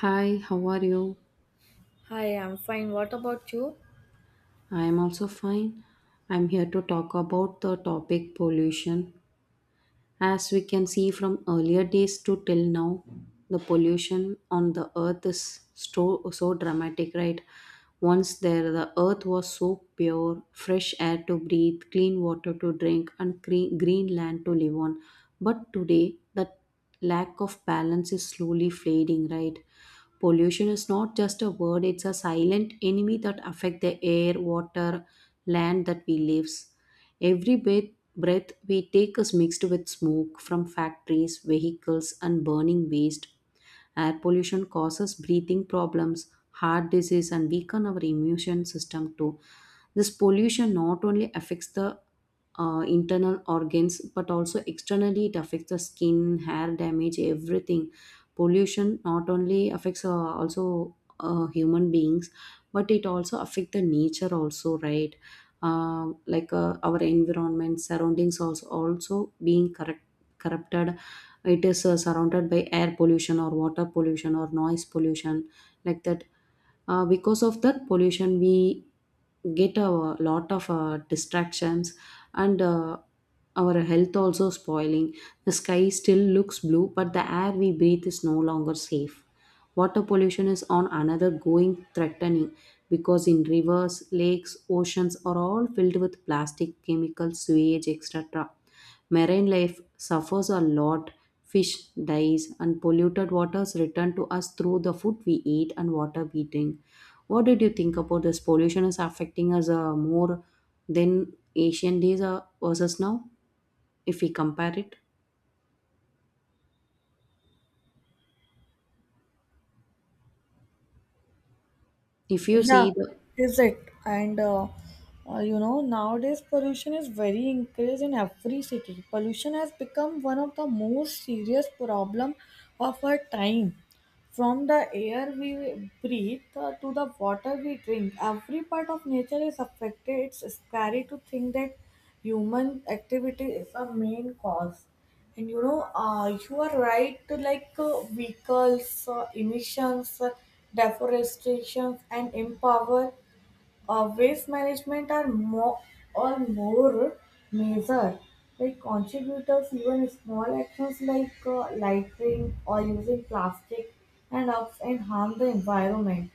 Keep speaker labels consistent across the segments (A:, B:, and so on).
A: Hi, how are you?
B: Hi, I'm fine. What about you?
A: I am also fine. I'm here to talk about the topic pollution. As we can see from earlier days to till now, the pollution on the earth is so dramatic, right? Once there, the earth was so pure, fresh air to breathe, clean water to drink, and green land to live on. But today, that lack of balance is slowly fading, right? Pollution is not just a word, it's a silent enemy that affect the air, water, land that we lives. Every breath we take is mixed with smoke from factories, vehicles, and burning waste. Air pollution causes breathing problems, heart disease, and weaken our immune system too. This pollution not only affects the internal organs, but also externally it affects the skin, hair damage, everything. Pollution not only affects also human beings, but it also affects the nature also, right? Like our environment surroundings also being correct corrupted. It is surrounded by air pollution or water pollution or noise pollution, like that. Because of that pollution, we get a lot of distractions, and our health also spoiling. The sky still looks blue, but the air we breathe is no longer safe. Water pollution is on another going threatening, because in rivers, lakes, oceans are all filled with plastic, chemicals, sewage, etc. Marine life suffers a lot. Fish dies, and polluted waters return to us through the food we eat and water we drink. What did you think about this pollution is affecting us more than ancient days versus now? If we compare it, if you
B: Yeah,
A: see the
B: is it? And uh, Nowadays pollution is very increased in every city. Pollution has become one of the most serious problem of our time. From the air we breathe to the water we drink, every part of nature is affected. It's scary to think that human activity is a main cause. You are right, vehicles, emissions, deforestation, and empower waste management are more measured like contributors. Even small actions like littering or using plastic and ups and harm the environment.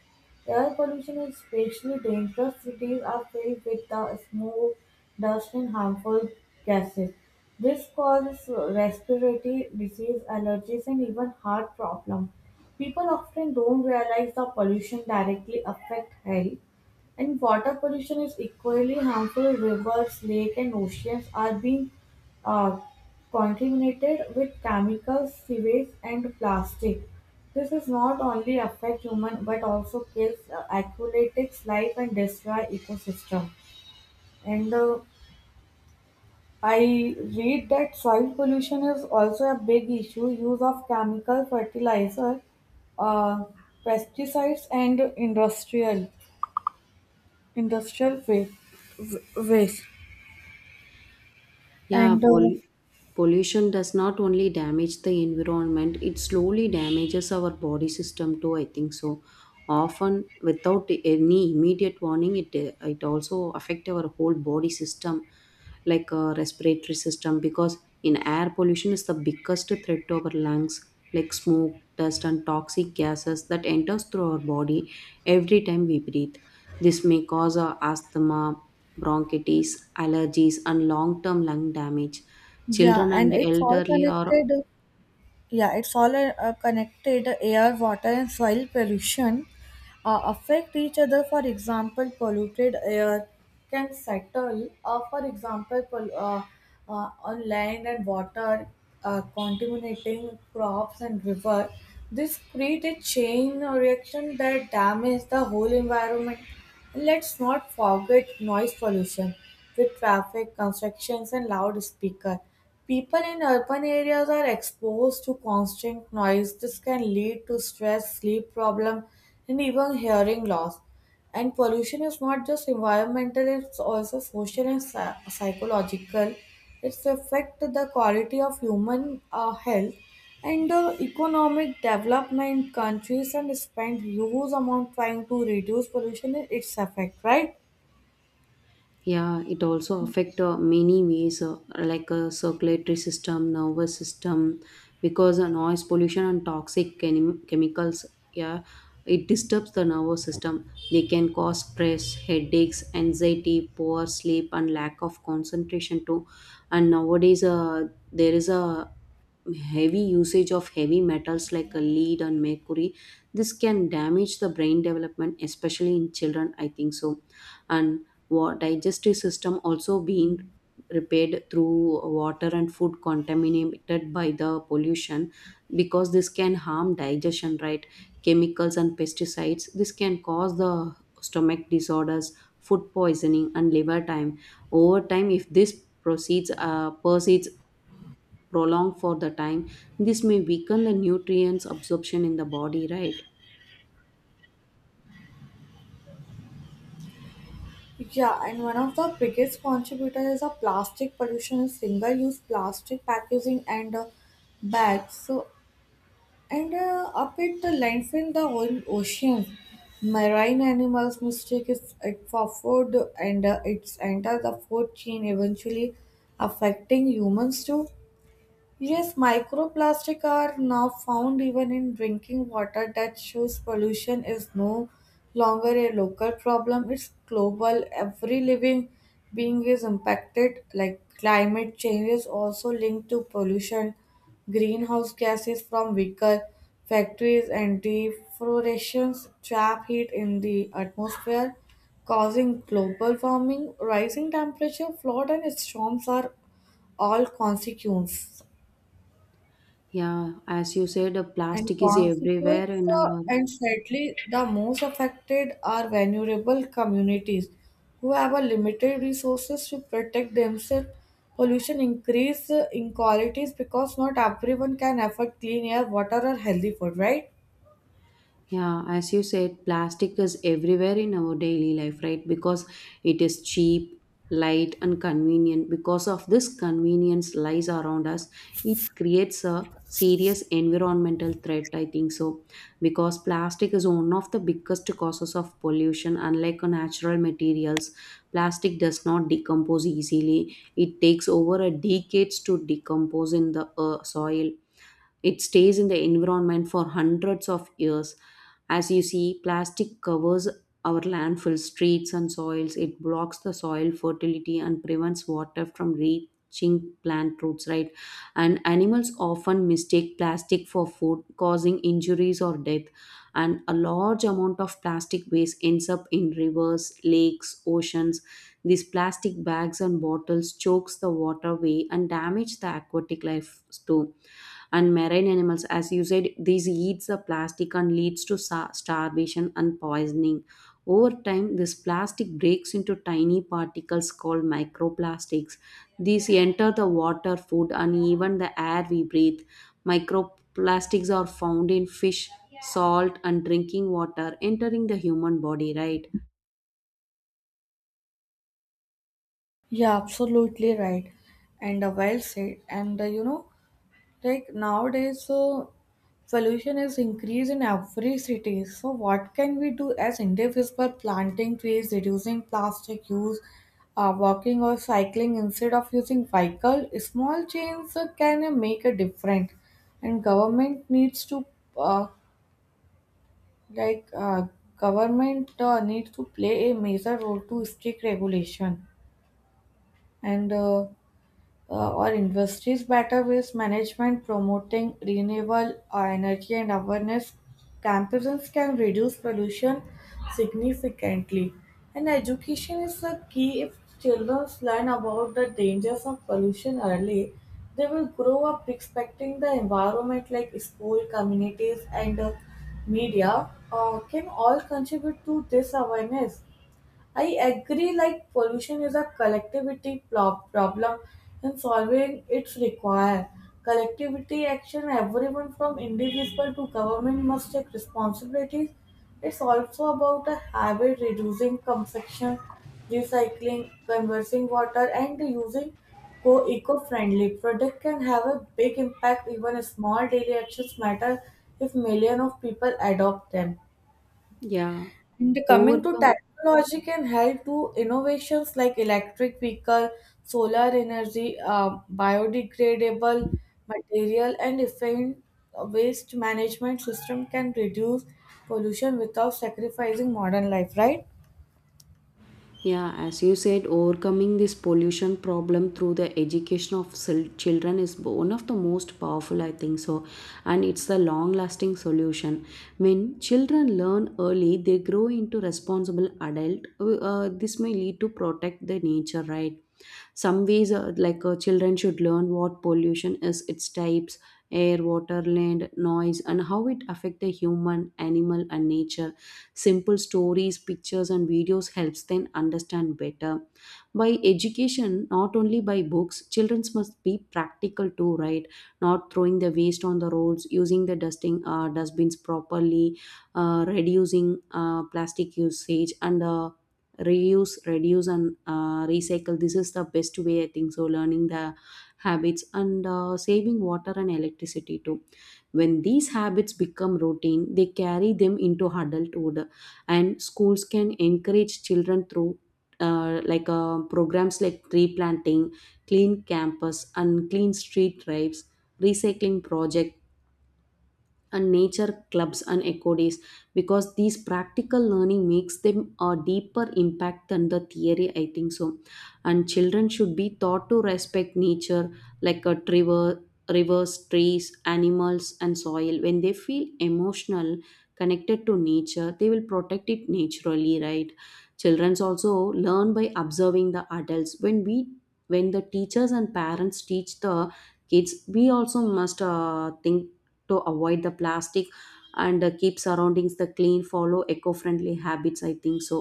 B: Air pollution is especially dangerous. Cities are filled with the smoke, dust and harmful gases. This causes respiratory disease, allergies and even heart problems. People often don't realize the pollution directly affect health. And water pollution is equally harmful. Rivers, lakes, and oceans are being uh, contaminated with chemicals, sewage, and plastic. This is not only affect human but also kills aquatics life and destroy ecosystem. And I read that soil pollution is also a big issue. Use of chemical fertilizer, uh, pesticides, and industrial waste.
A: Yeah,
B: And
A: pol- pollution does not only damage the environment, it slowly damages our body system too, I think so. Often without any immediate warning, it also affect our whole body system, like a respiratory system, because in air pollution is the biggest threat to our lungs, like smoke, dust and toxic gases that enters through our body every time we breathe. This may cause asthma, bronchitis, allergies, and long term lung damage.
B: Yeah,
A: Children and
B: and it's all
A: elderly are
B: connected. Yeah, it's all connected. Air, water, and soil pollution affect each other. For example, polluted air can settle, on land and water, contaminating crops and river. This create a chain reaction that damages the whole environment. And let's not forget noise pollution with traffic, constructions, and loudspeaker. People in urban areas are exposed to constant noise. This can lead to stress, sleep problem, and even hearing loss. And pollution is not just environmental; it's also social and psychological. It's affect the quality of human health and the economic development. Countries and spend huge amount trying to reduce pollution. And it's effect, right?
A: yeah, it also affect many ways like circulatory system, nervous system, because noise pollution and toxic chemicals. Yeah, it disturbs the nervous system. They can cause stress, headaches, anxiety, poor sleep, and lack of concentration too. And nowadays, there is a heavy usage of heavy metals like lead and mercury. This can damage the brain development, especially in children, I think so. And what digestive system also being repaired through water and food contaminated by the pollution, because this can harm digestion, right? Chemicals and pesticides, this can cause the stomach disorders, food poisoning, and liver time. Over time, if this proceeds prolonged for the time, this may weaken the nutrients absorption in the body, right?
B: Yeah, and one of the biggest contributors of plastic pollution is single-use plastic packaging and bags. So, and up at the landfill, the whole ocean, marine animals mistake is it for food, and it's enter the food chain, eventually affecting humans too. Yes, microplastic are now found even in drinking water. That shows pollution is no longer a local problem, it's global. Every living being is impacted, like climate change is also linked to pollution. Greenhouse gases from vehicle, factories and deforestation trap heat in the atmosphere, causing global warming. Rising temperature, flood and storms are all consequences.
A: Yeah, as you said,
B: And
A: plastic is
B: consequence,
A: everywhere in our.
B: and sadly, the most affected are vulnerable communities who have a limited resources to protect themselves. Pollution increase inequalities because not everyone can afford clean air, water, or healthy food, right?
A: Yeah, as you said, plastic is everywhere in our daily life, right? Because it is cheap, light, and convenient. Because of this convenience lies around us, it creates a serious environmental threat, I think so. Because plastic is one of the biggest causes of pollution, unlike natural materials. Plastic does not decompose easily. It takes over a decades to decompose in the soil. It stays in the environment for hundreds of years. As you see, plastic covers our landfill, streets and soils. It blocks the soil fertility and prevents water from reaching plant roots, right? And animals often mistake plastic for food, causing injuries or death. And a large amount of plastic waste ends up in rivers, lakes, oceans. These plastic bags and bottles chokes the waterway and damage the aquatic life too. And marine animals, as you said, these eats the plastic and leads to starvation and poisoning. Over time, this plastic breaks into tiny particles called microplastics. These enter the water, food, and even the air we breathe. Microplastics are found in fish, salt, and drinking water, entering the human body, right?
B: Yeah, absolutely right. And Well said. And you know, like Nowadays so pollution is increased in every city, so what can we do as individuals? By planting trees, reducing plastic use, walking or cycling instead of using vehicle, small changes can make a difference. And government needs to uh, like Government needs to play a major role to strict regulation, and or industries better waste management, promoting renewable energy and awareness campaigns can reduce pollution significantly. And education is the key. If children learn about the dangers of pollution early, they will grow up respecting the environment, like school, communities, and media can all contribute to this awareness. I agree, like pollution is a collectivity problem, and solving it require collectivity action. Everyone from individual to government must take responsibilities. It's also about a habit: reducing consumption, recycling, conversing water, and using eco-friendly product can have a big impact. Even small daily actions matter if millions of people adopt them.
A: Yeah,
B: And coming to
A: overcome.
B: technology, can help to innovations like electric vehicle, solar energy, biodegradable material, and efficient waste management system can reduce pollution without sacrificing modern life. Right?
A: Yeah, as you said, overcoming this pollution problem through the education of children is one of the most powerful, I think so, and it's the long lasting solution. When children learn early, they grow into responsible adult. This may lead to protect the nature, right? Some ways like children should learn what pollution is, its types: air, water, land, noise, and how it affect the human, animal, and nature. Simple stories, pictures and videos helps them understand better. By education, not only by books, children must be practical too, right? Not throwing the waste on the roads, using the dusting dustbins properly, reducing plastic usage, and reuse, reduce, and recycle. This is the best way, I think so. Learning the habits, and saving water and electricity too. When these habits become routine, they carry them into adulthood. And schools can encourage children through like programs like tree planting, clean campus and clean street drives, recycling projects, and nature clubs and eco days. Because these practical learning makes them a deeper impact than the theory, I think so. And children should be taught to respect nature, like a rivers, trees, animals, and soil. When they feel emotional connected to nature, they will protect it naturally, right? Children also learn by observing the adults. When the teachers and parents teach the kids, we also must think to avoid the plastic, and keep surroundings the clean, follow eco-friendly habits, I think so.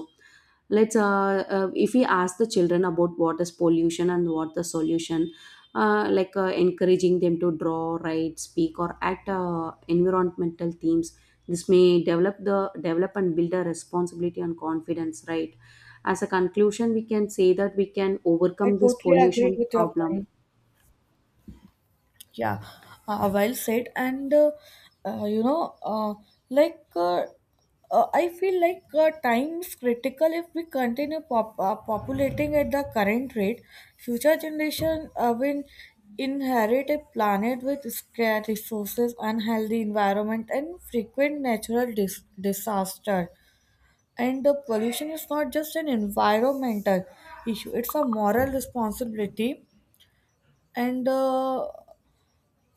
A: Let's if we ask the children about what is pollution and what the solution, like encouraging them to draw, write, speak or act environmental themes. This may develop and build a responsibility and confidence, right? As a conclusion, we can say that we can
B: I
A: overcome this
B: totally agreed
A: pollution
B: with your
A: problem.
B: point. Yeah, well said. And you know, like I feel like time is critical. If we continue populating at the current rate, future generation will inherit a planet with scarce resources, unhealthy environment, and frequent natural disaster. And the pollution is not just an environmental issue; it's a moral responsibility. And.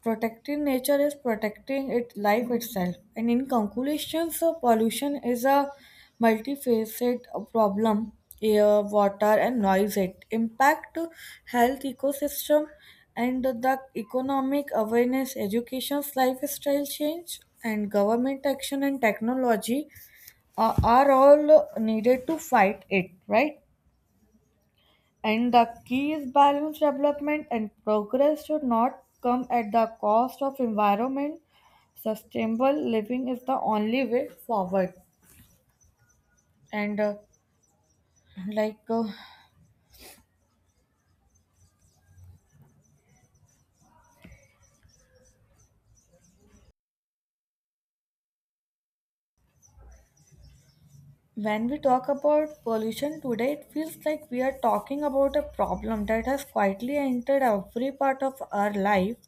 B: Protecting nature is protecting it life itself. And in conclusion, so pollution is a multifaceted problem: air, water and noise. It impact health, ecosystem, and the economic. Awareness, education, lifestyle change and government action and technology are all needed to fight it, right? And the key is balanced development, and progress should not come at the cost of environment. Sustainable living is the only way forward. And like When we talk about pollution today, it feels like we are talking about a problem that has quietly entered every part of our life.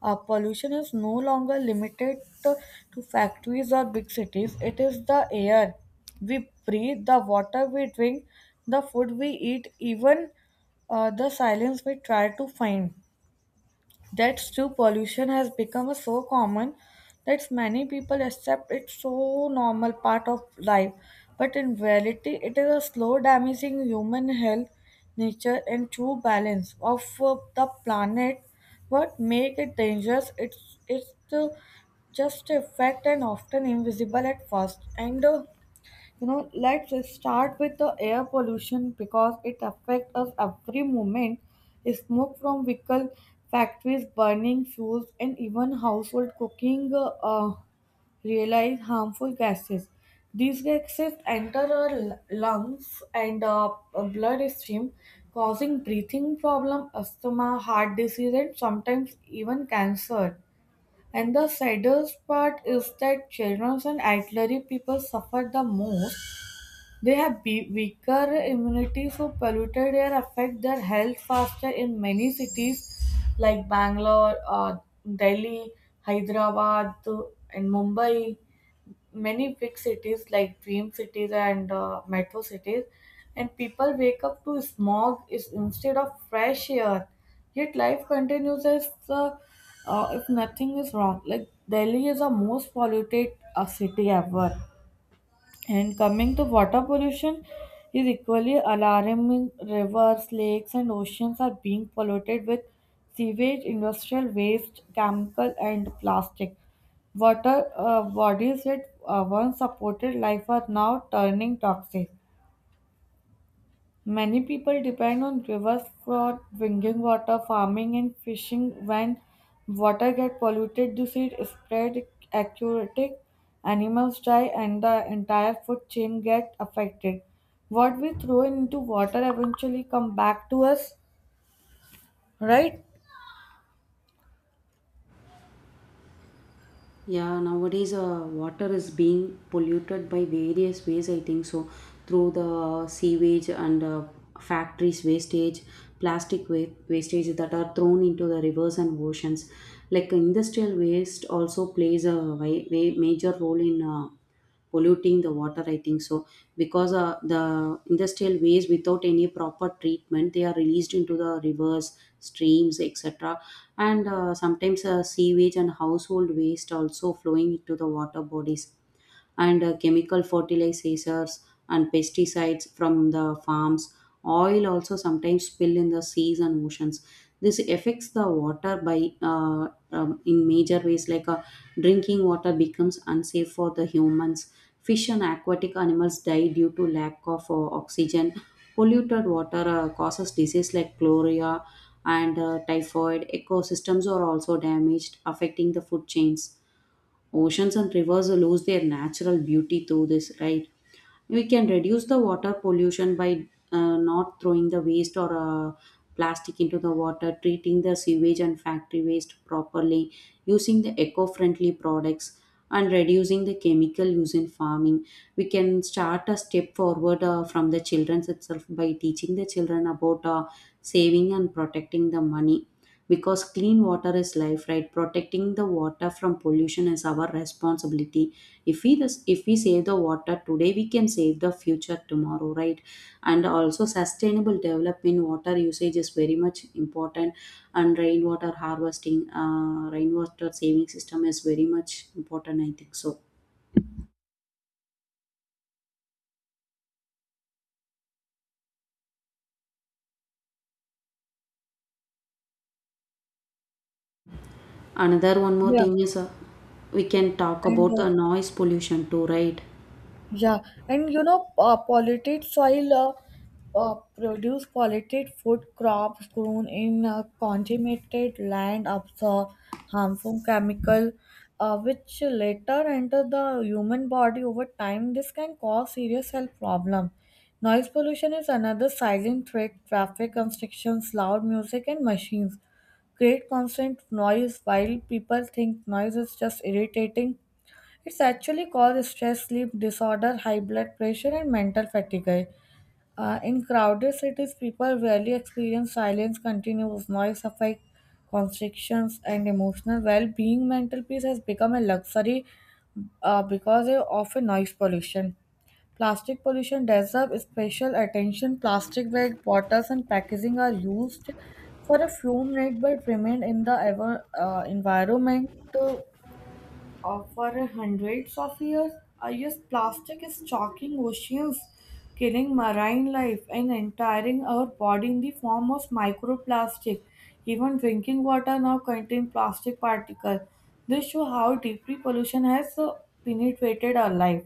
B: Pollution is no longer limited to, to factories or big cities. It is the air we breathe, the water we drink, the food we eat, even the silence we try to find. That's true. Pollution has become so common that many people accept it so normal part of life. But in reality, it is a slow damaging human health, nature, and true balance of the planet. What make it dangerous? It's the just a fact and often invisible at first. And you know Let's just start with the air pollution because it affects us every moment. Smoke from vehicle, factories, burning fuels and even household cooking realize harmful gases. These gases enter our lungs and bloodstream, causing breathing problem, asthma, heart disease and sometimes even cancer. And the saddest part is that children and elderly people suffer the most. They have weaker immunity, so polluted air affect their health faster. In many cities like Bangalore, Delhi, Hyderabad, and Mumbai, many big cities like dream cities and metro cities, and people wake up to smog is instead of fresh air. Yet life continues as if nothing is wrong. Like Delhi is the most polluted city ever. And coming to water pollution, is equally alarming. Rivers, lakes, and oceans are being polluted with sewage, industrial waste, chemical, and plastic. Water bodies that once supported life are now turning toxic. Many people depend on rivers for drinking water, farming, and fishing. When water gets polluted, disease spread, aquatic animals die, and the entire food chain gets affected. What we throw into water eventually come back to us, right?
A: Yeah, nowadays water is being polluted by various ways, I think so, through the sewage and factories wastage, plastic wastage that are thrown into the rivers and oceans. Like industrial waste also plays a major role in polluting the water, I think so. Because the industrial waste without any proper treatment, they are released into the rivers, streams, etc. And sometimes sewage and household waste also flowing into the water bodies. And chemical fertilizers and pesticides from the farms, oil also sometimes spill in the seas and oceans. This affects the water by uh, in major ways, like drinking water becomes unsafe for the humans. Fish and aquatic animals die due to lack of oxygen. Polluted water causes disease like cholera and typhoid. Ecosystems are also damaged, affecting the food chains. Oceans and rivers lose their natural beauty through this, right? We can reduce the water pollution by not throwing the waste or plastic into the water, treating the sewage and factory waste properly, using the eco friendly products, and reducing the chemical use in farming. We can start a step forward from the childrens itself by teaching the children about saving and protecting the money, because clean water is life, right? Protecting the water from pollution is our responsibility. If we save the water today, we can save the future tomorrow, right? And also sustainable development, water usage is very much important. And rainwater harvesting, rainwater saving system is very much important, I think so. Another one more
B: Yeah,
A: thing is, we can talk
B: and
A: about
B: uh,
A: the noise pollution too, right?
B: Yeah, and you know, polluted soil produce polluted food. Crops grown in contaminated land absorb harmful chemical, which later enter the human body over time. This can cause serious health problem. Noise pollution is another silent threat. Traffic constrictions, loud music, and machines create constant noise. While people think noise is just irritating, it's actually caused stress, sleep disorder, high blood pressure, and mental fatigue. In crowded cities, people rarely experience silence. Continuous noise affect constrictions, and emotional well-being. Mental peace has become a luxury because of a noise pollution. Plastic pollution deserves special attention. Plastic bag, bottles and packaging are used for a few minutes but remain in the ever, environment for hundreds of years. I used plastic is choking oceans, killing marine life, and entering our body in the form of microplastic. Even drinking water now contains plastic particles. This show how deeply pollution has penetrated our life.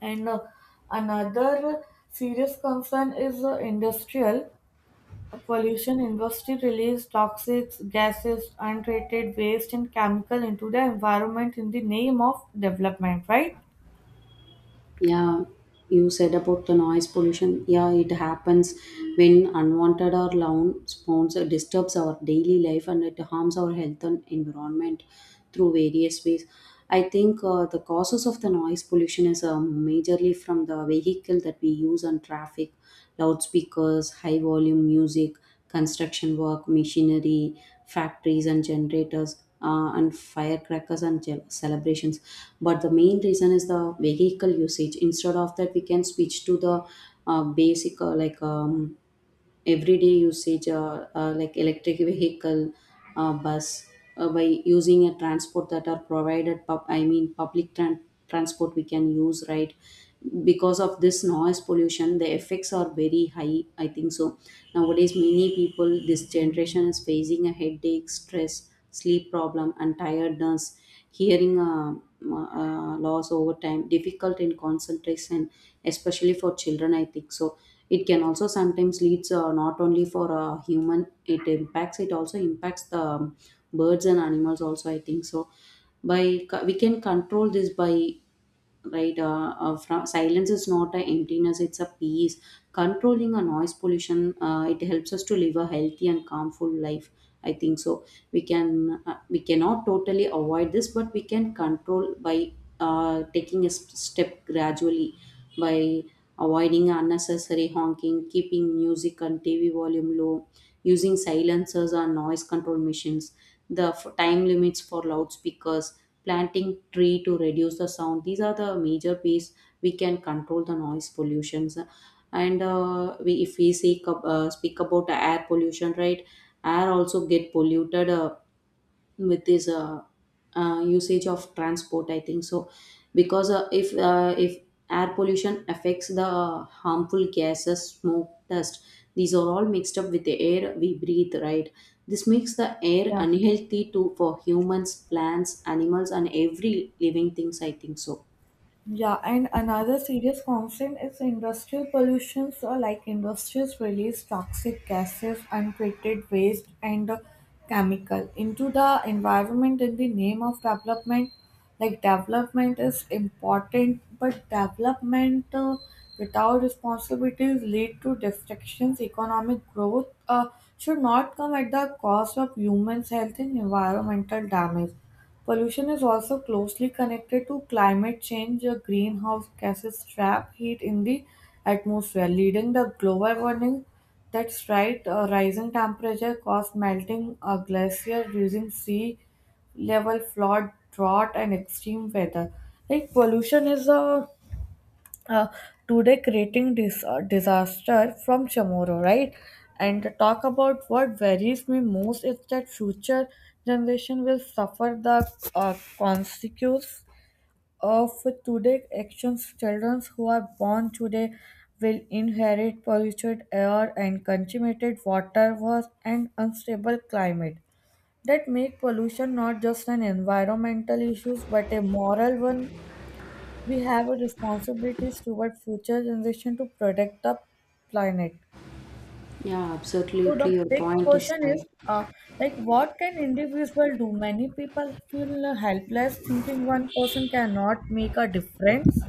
B: And Another serious concern is industrial. Pollution industry release toxic gases, untreated waste and chemical into the environment in the name of development, right?
A: Yeah, you said about the noise pollution. Yeah, it happens when unwanted or loud sounds disturbs our daily life, and it harms our health and environment through various ways. I think the causes of the noise pollution is majorly from the vehicle that we use on traffic, loudspeakers, high volume music, construction work, machinery, factories and generators, and firecrackers and celebrations. But the main reason is the vehicle usage. Instead of that, we can switch to the basic like everyday usage, like electric vehicle, bus, by using a transport that are provided, I mean public transport we can use, right? Because of this noise pollution, the effects are very high, I think so. Nowadays, many people, this generation is facing a headache, stress, sleep problem, and tiredness, hearing loss over time, difficult in concentration, especially for children, I think so. It can also sometimes leads not only for a human, it also impacts the birds and animals also, I think so. We can control this by right, from, silence is not a emptiness, it's a peace. Controlling a noise pollution, it helps us to live a healthy and calmful life, I think so. We can We cannot totally avoid this, but we can control by taking a step gradually, by avoiding unnecessary honking, keeping music and tv volume low, using silencers or noise control machines, the time limits for loudspeakers, planting tree to reduce the sound. These are the major ways we can control the noise pollutions. And we if we see speak about air pollution, right? Air also get polluted with this usage of transport, I think so. Because if air pollution affects the harmful gases, smoke, dust, these are all mixed up with the air we breathe, right? This makes the air
B: Yeah.
A: unhealthy too for humans, plants, animals, and every living things, I think so.
B: Yeah, and another serious concern is industrial pollution. So, like industries release toxic gases, untreated waste, and chemical into the environment in the name of development. Like development is important, but development without responsibilities lead to destructions. Economic growth should not come at the cost of humans' health and environmental damage. Pollution is also closely connected to climate change. The greenhouse gases trap heat in the atmosphere, leading the global warming. That's right, rising temperature cause melting glacier, reducing sea level, flood, drought, and extreme weather. Like pollution is a uh, today creating this disaster from tomorrow, right? And the talk about what worries me most is that future generation will suffer the consequences of today actions. Children who are born today will inherit polluted air and contaminated water was and unstable climate. That make pollution not just an environmental issue but a moral one. We have a responsibility toward future generation to protect the planet.
A: Yeah,
B: So the
A: absolutely, your
B: big
A: point is
B: question
A: right.
B: is, what can individual do? Many people feel helpless, thinking one person cannot make a difference.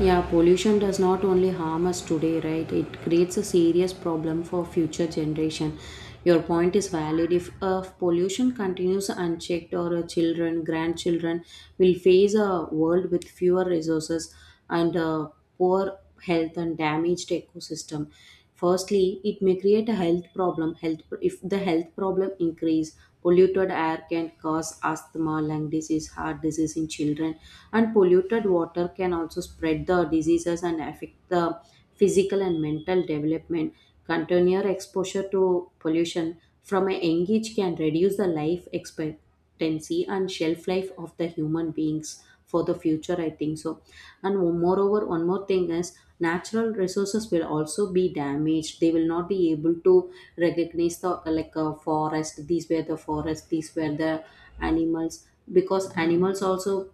A: Yeah, pollution does not only harm us today, right? It creates a serious problem for future generation. Your point is valid. If pollution continues unchecked, our children, grandchildren will face a world with fewer resources and poor health and damaged ecosystem. Firstly, it may create a health problem. Health, if the health problem increase, polluted air can cause asthma, lung disease, heart disease in children, and polluted water can also spread the diseases and affect the physical and mental development. Continuous exposure to pollution from a young age can reduce the life expectancy and shelf life of the human beings for the future, I think so. And moreover, one more thing is natural resources will also be damaged. They will not be able to recognize the, like a forest. These were the animals, because animals also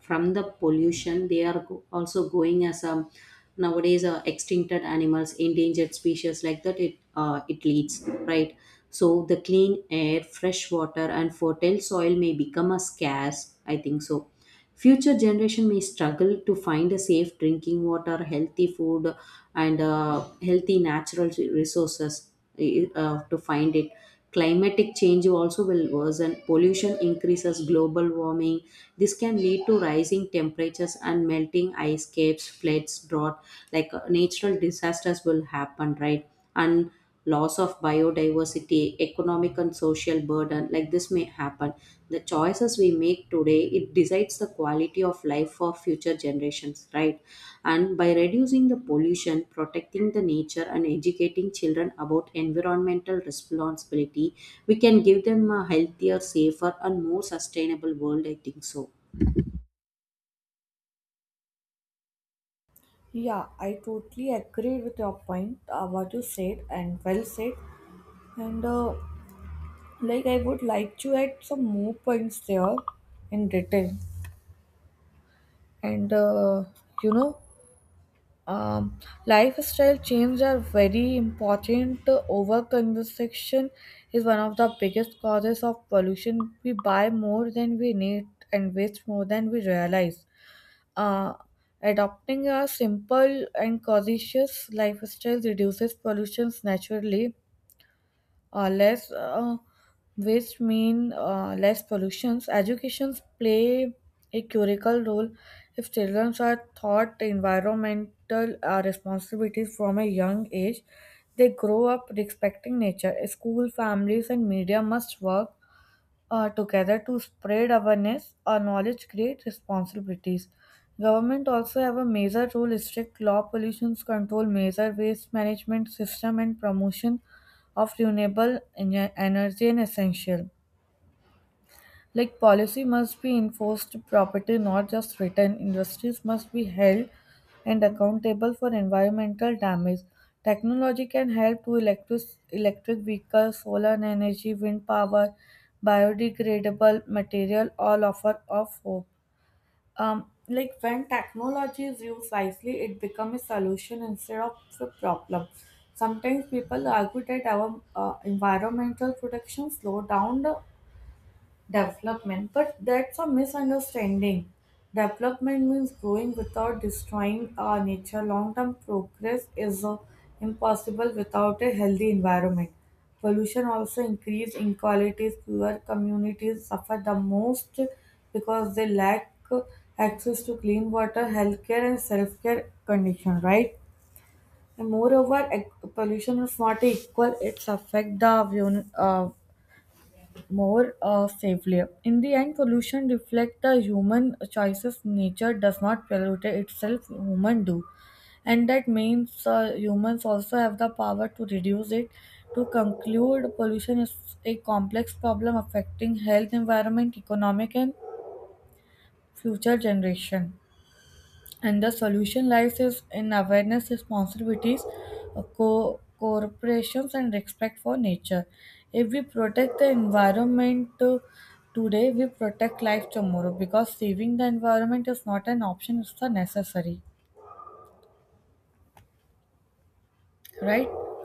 A: from the pollution, they are also going as um, nowadays extincted animals, endangered species, like that it it leads, right? So the clean air, fresh water and fertile soil may become a scarce, I think so. Future generation may struggle to find a safe drinking water, healthy food, and healthy natural resources uh, to find it. Climatic change also will worsen. Pollution increases, global warming. This can lead to rising temperatures and melting ice caps, floods, drought. Like natural disasters will happen, right? And loss of biodiversity, economic and social burden, like this may happen. The choices we make today, it decides the quality of life for future generations, right? And by reducing the pollution, protecting the nature, and educating children about environmental responsibility, we can give them a healthier, safer and more sustainable world, I think so.
B: Yeah, I totally agree with your point, what you said, and well said. And uh, I would like to add some more points there in detail. And uh, you know, um, Lifestyle change are very important. Over consumption is one of the biggest causes of pollution. We buy more than we need and waste more than we realize. Uh, Adopting a simple and conscious lifestyle reduces pollution naturally. Less waste mean less pollutions. Educations play a critical role if children are taught environmental responsibilities from a young age. They grow up respecting nature. School, families, and media must work together to spread awareness or knowledge create responsibilities. Government also have a major role: strict law, pollution control, major waste management system and promotion of renewable energy and essential. Like policy must be enforced property, not just written. Industries must be held and accountable for environmental damage. Technology can help to electric vehicles, solar energy, wind power, biodegradable material all offer of hope. Like when technology is used wisely, it becomes a solution instead of a problem. Sometimes people argue that our environmental protection slow down the development, but that's a misunderstanding. Development means growing without destroying our nature. Long term progress is impossible without a healthy environment. Pollution also increases inequalities. Poor communities suffer the most because they lack access to clean water, healthcare, and self care condition, right? And moreover, pollution is not equal, it's affect the more safely. In the end, pollution reflects the human choices. Nature does not pollute itself; humans do, and that means humans also have the power to reduce it. To conclude, pollution is a complex problem affecting health, environment, economic, and future generation. And the solution lies is in awareness, responsibilities, corporations and respect for nature. If we protect the environment today, we protect life tomorrow, because saving the environment is not an option, it's a necessary, right?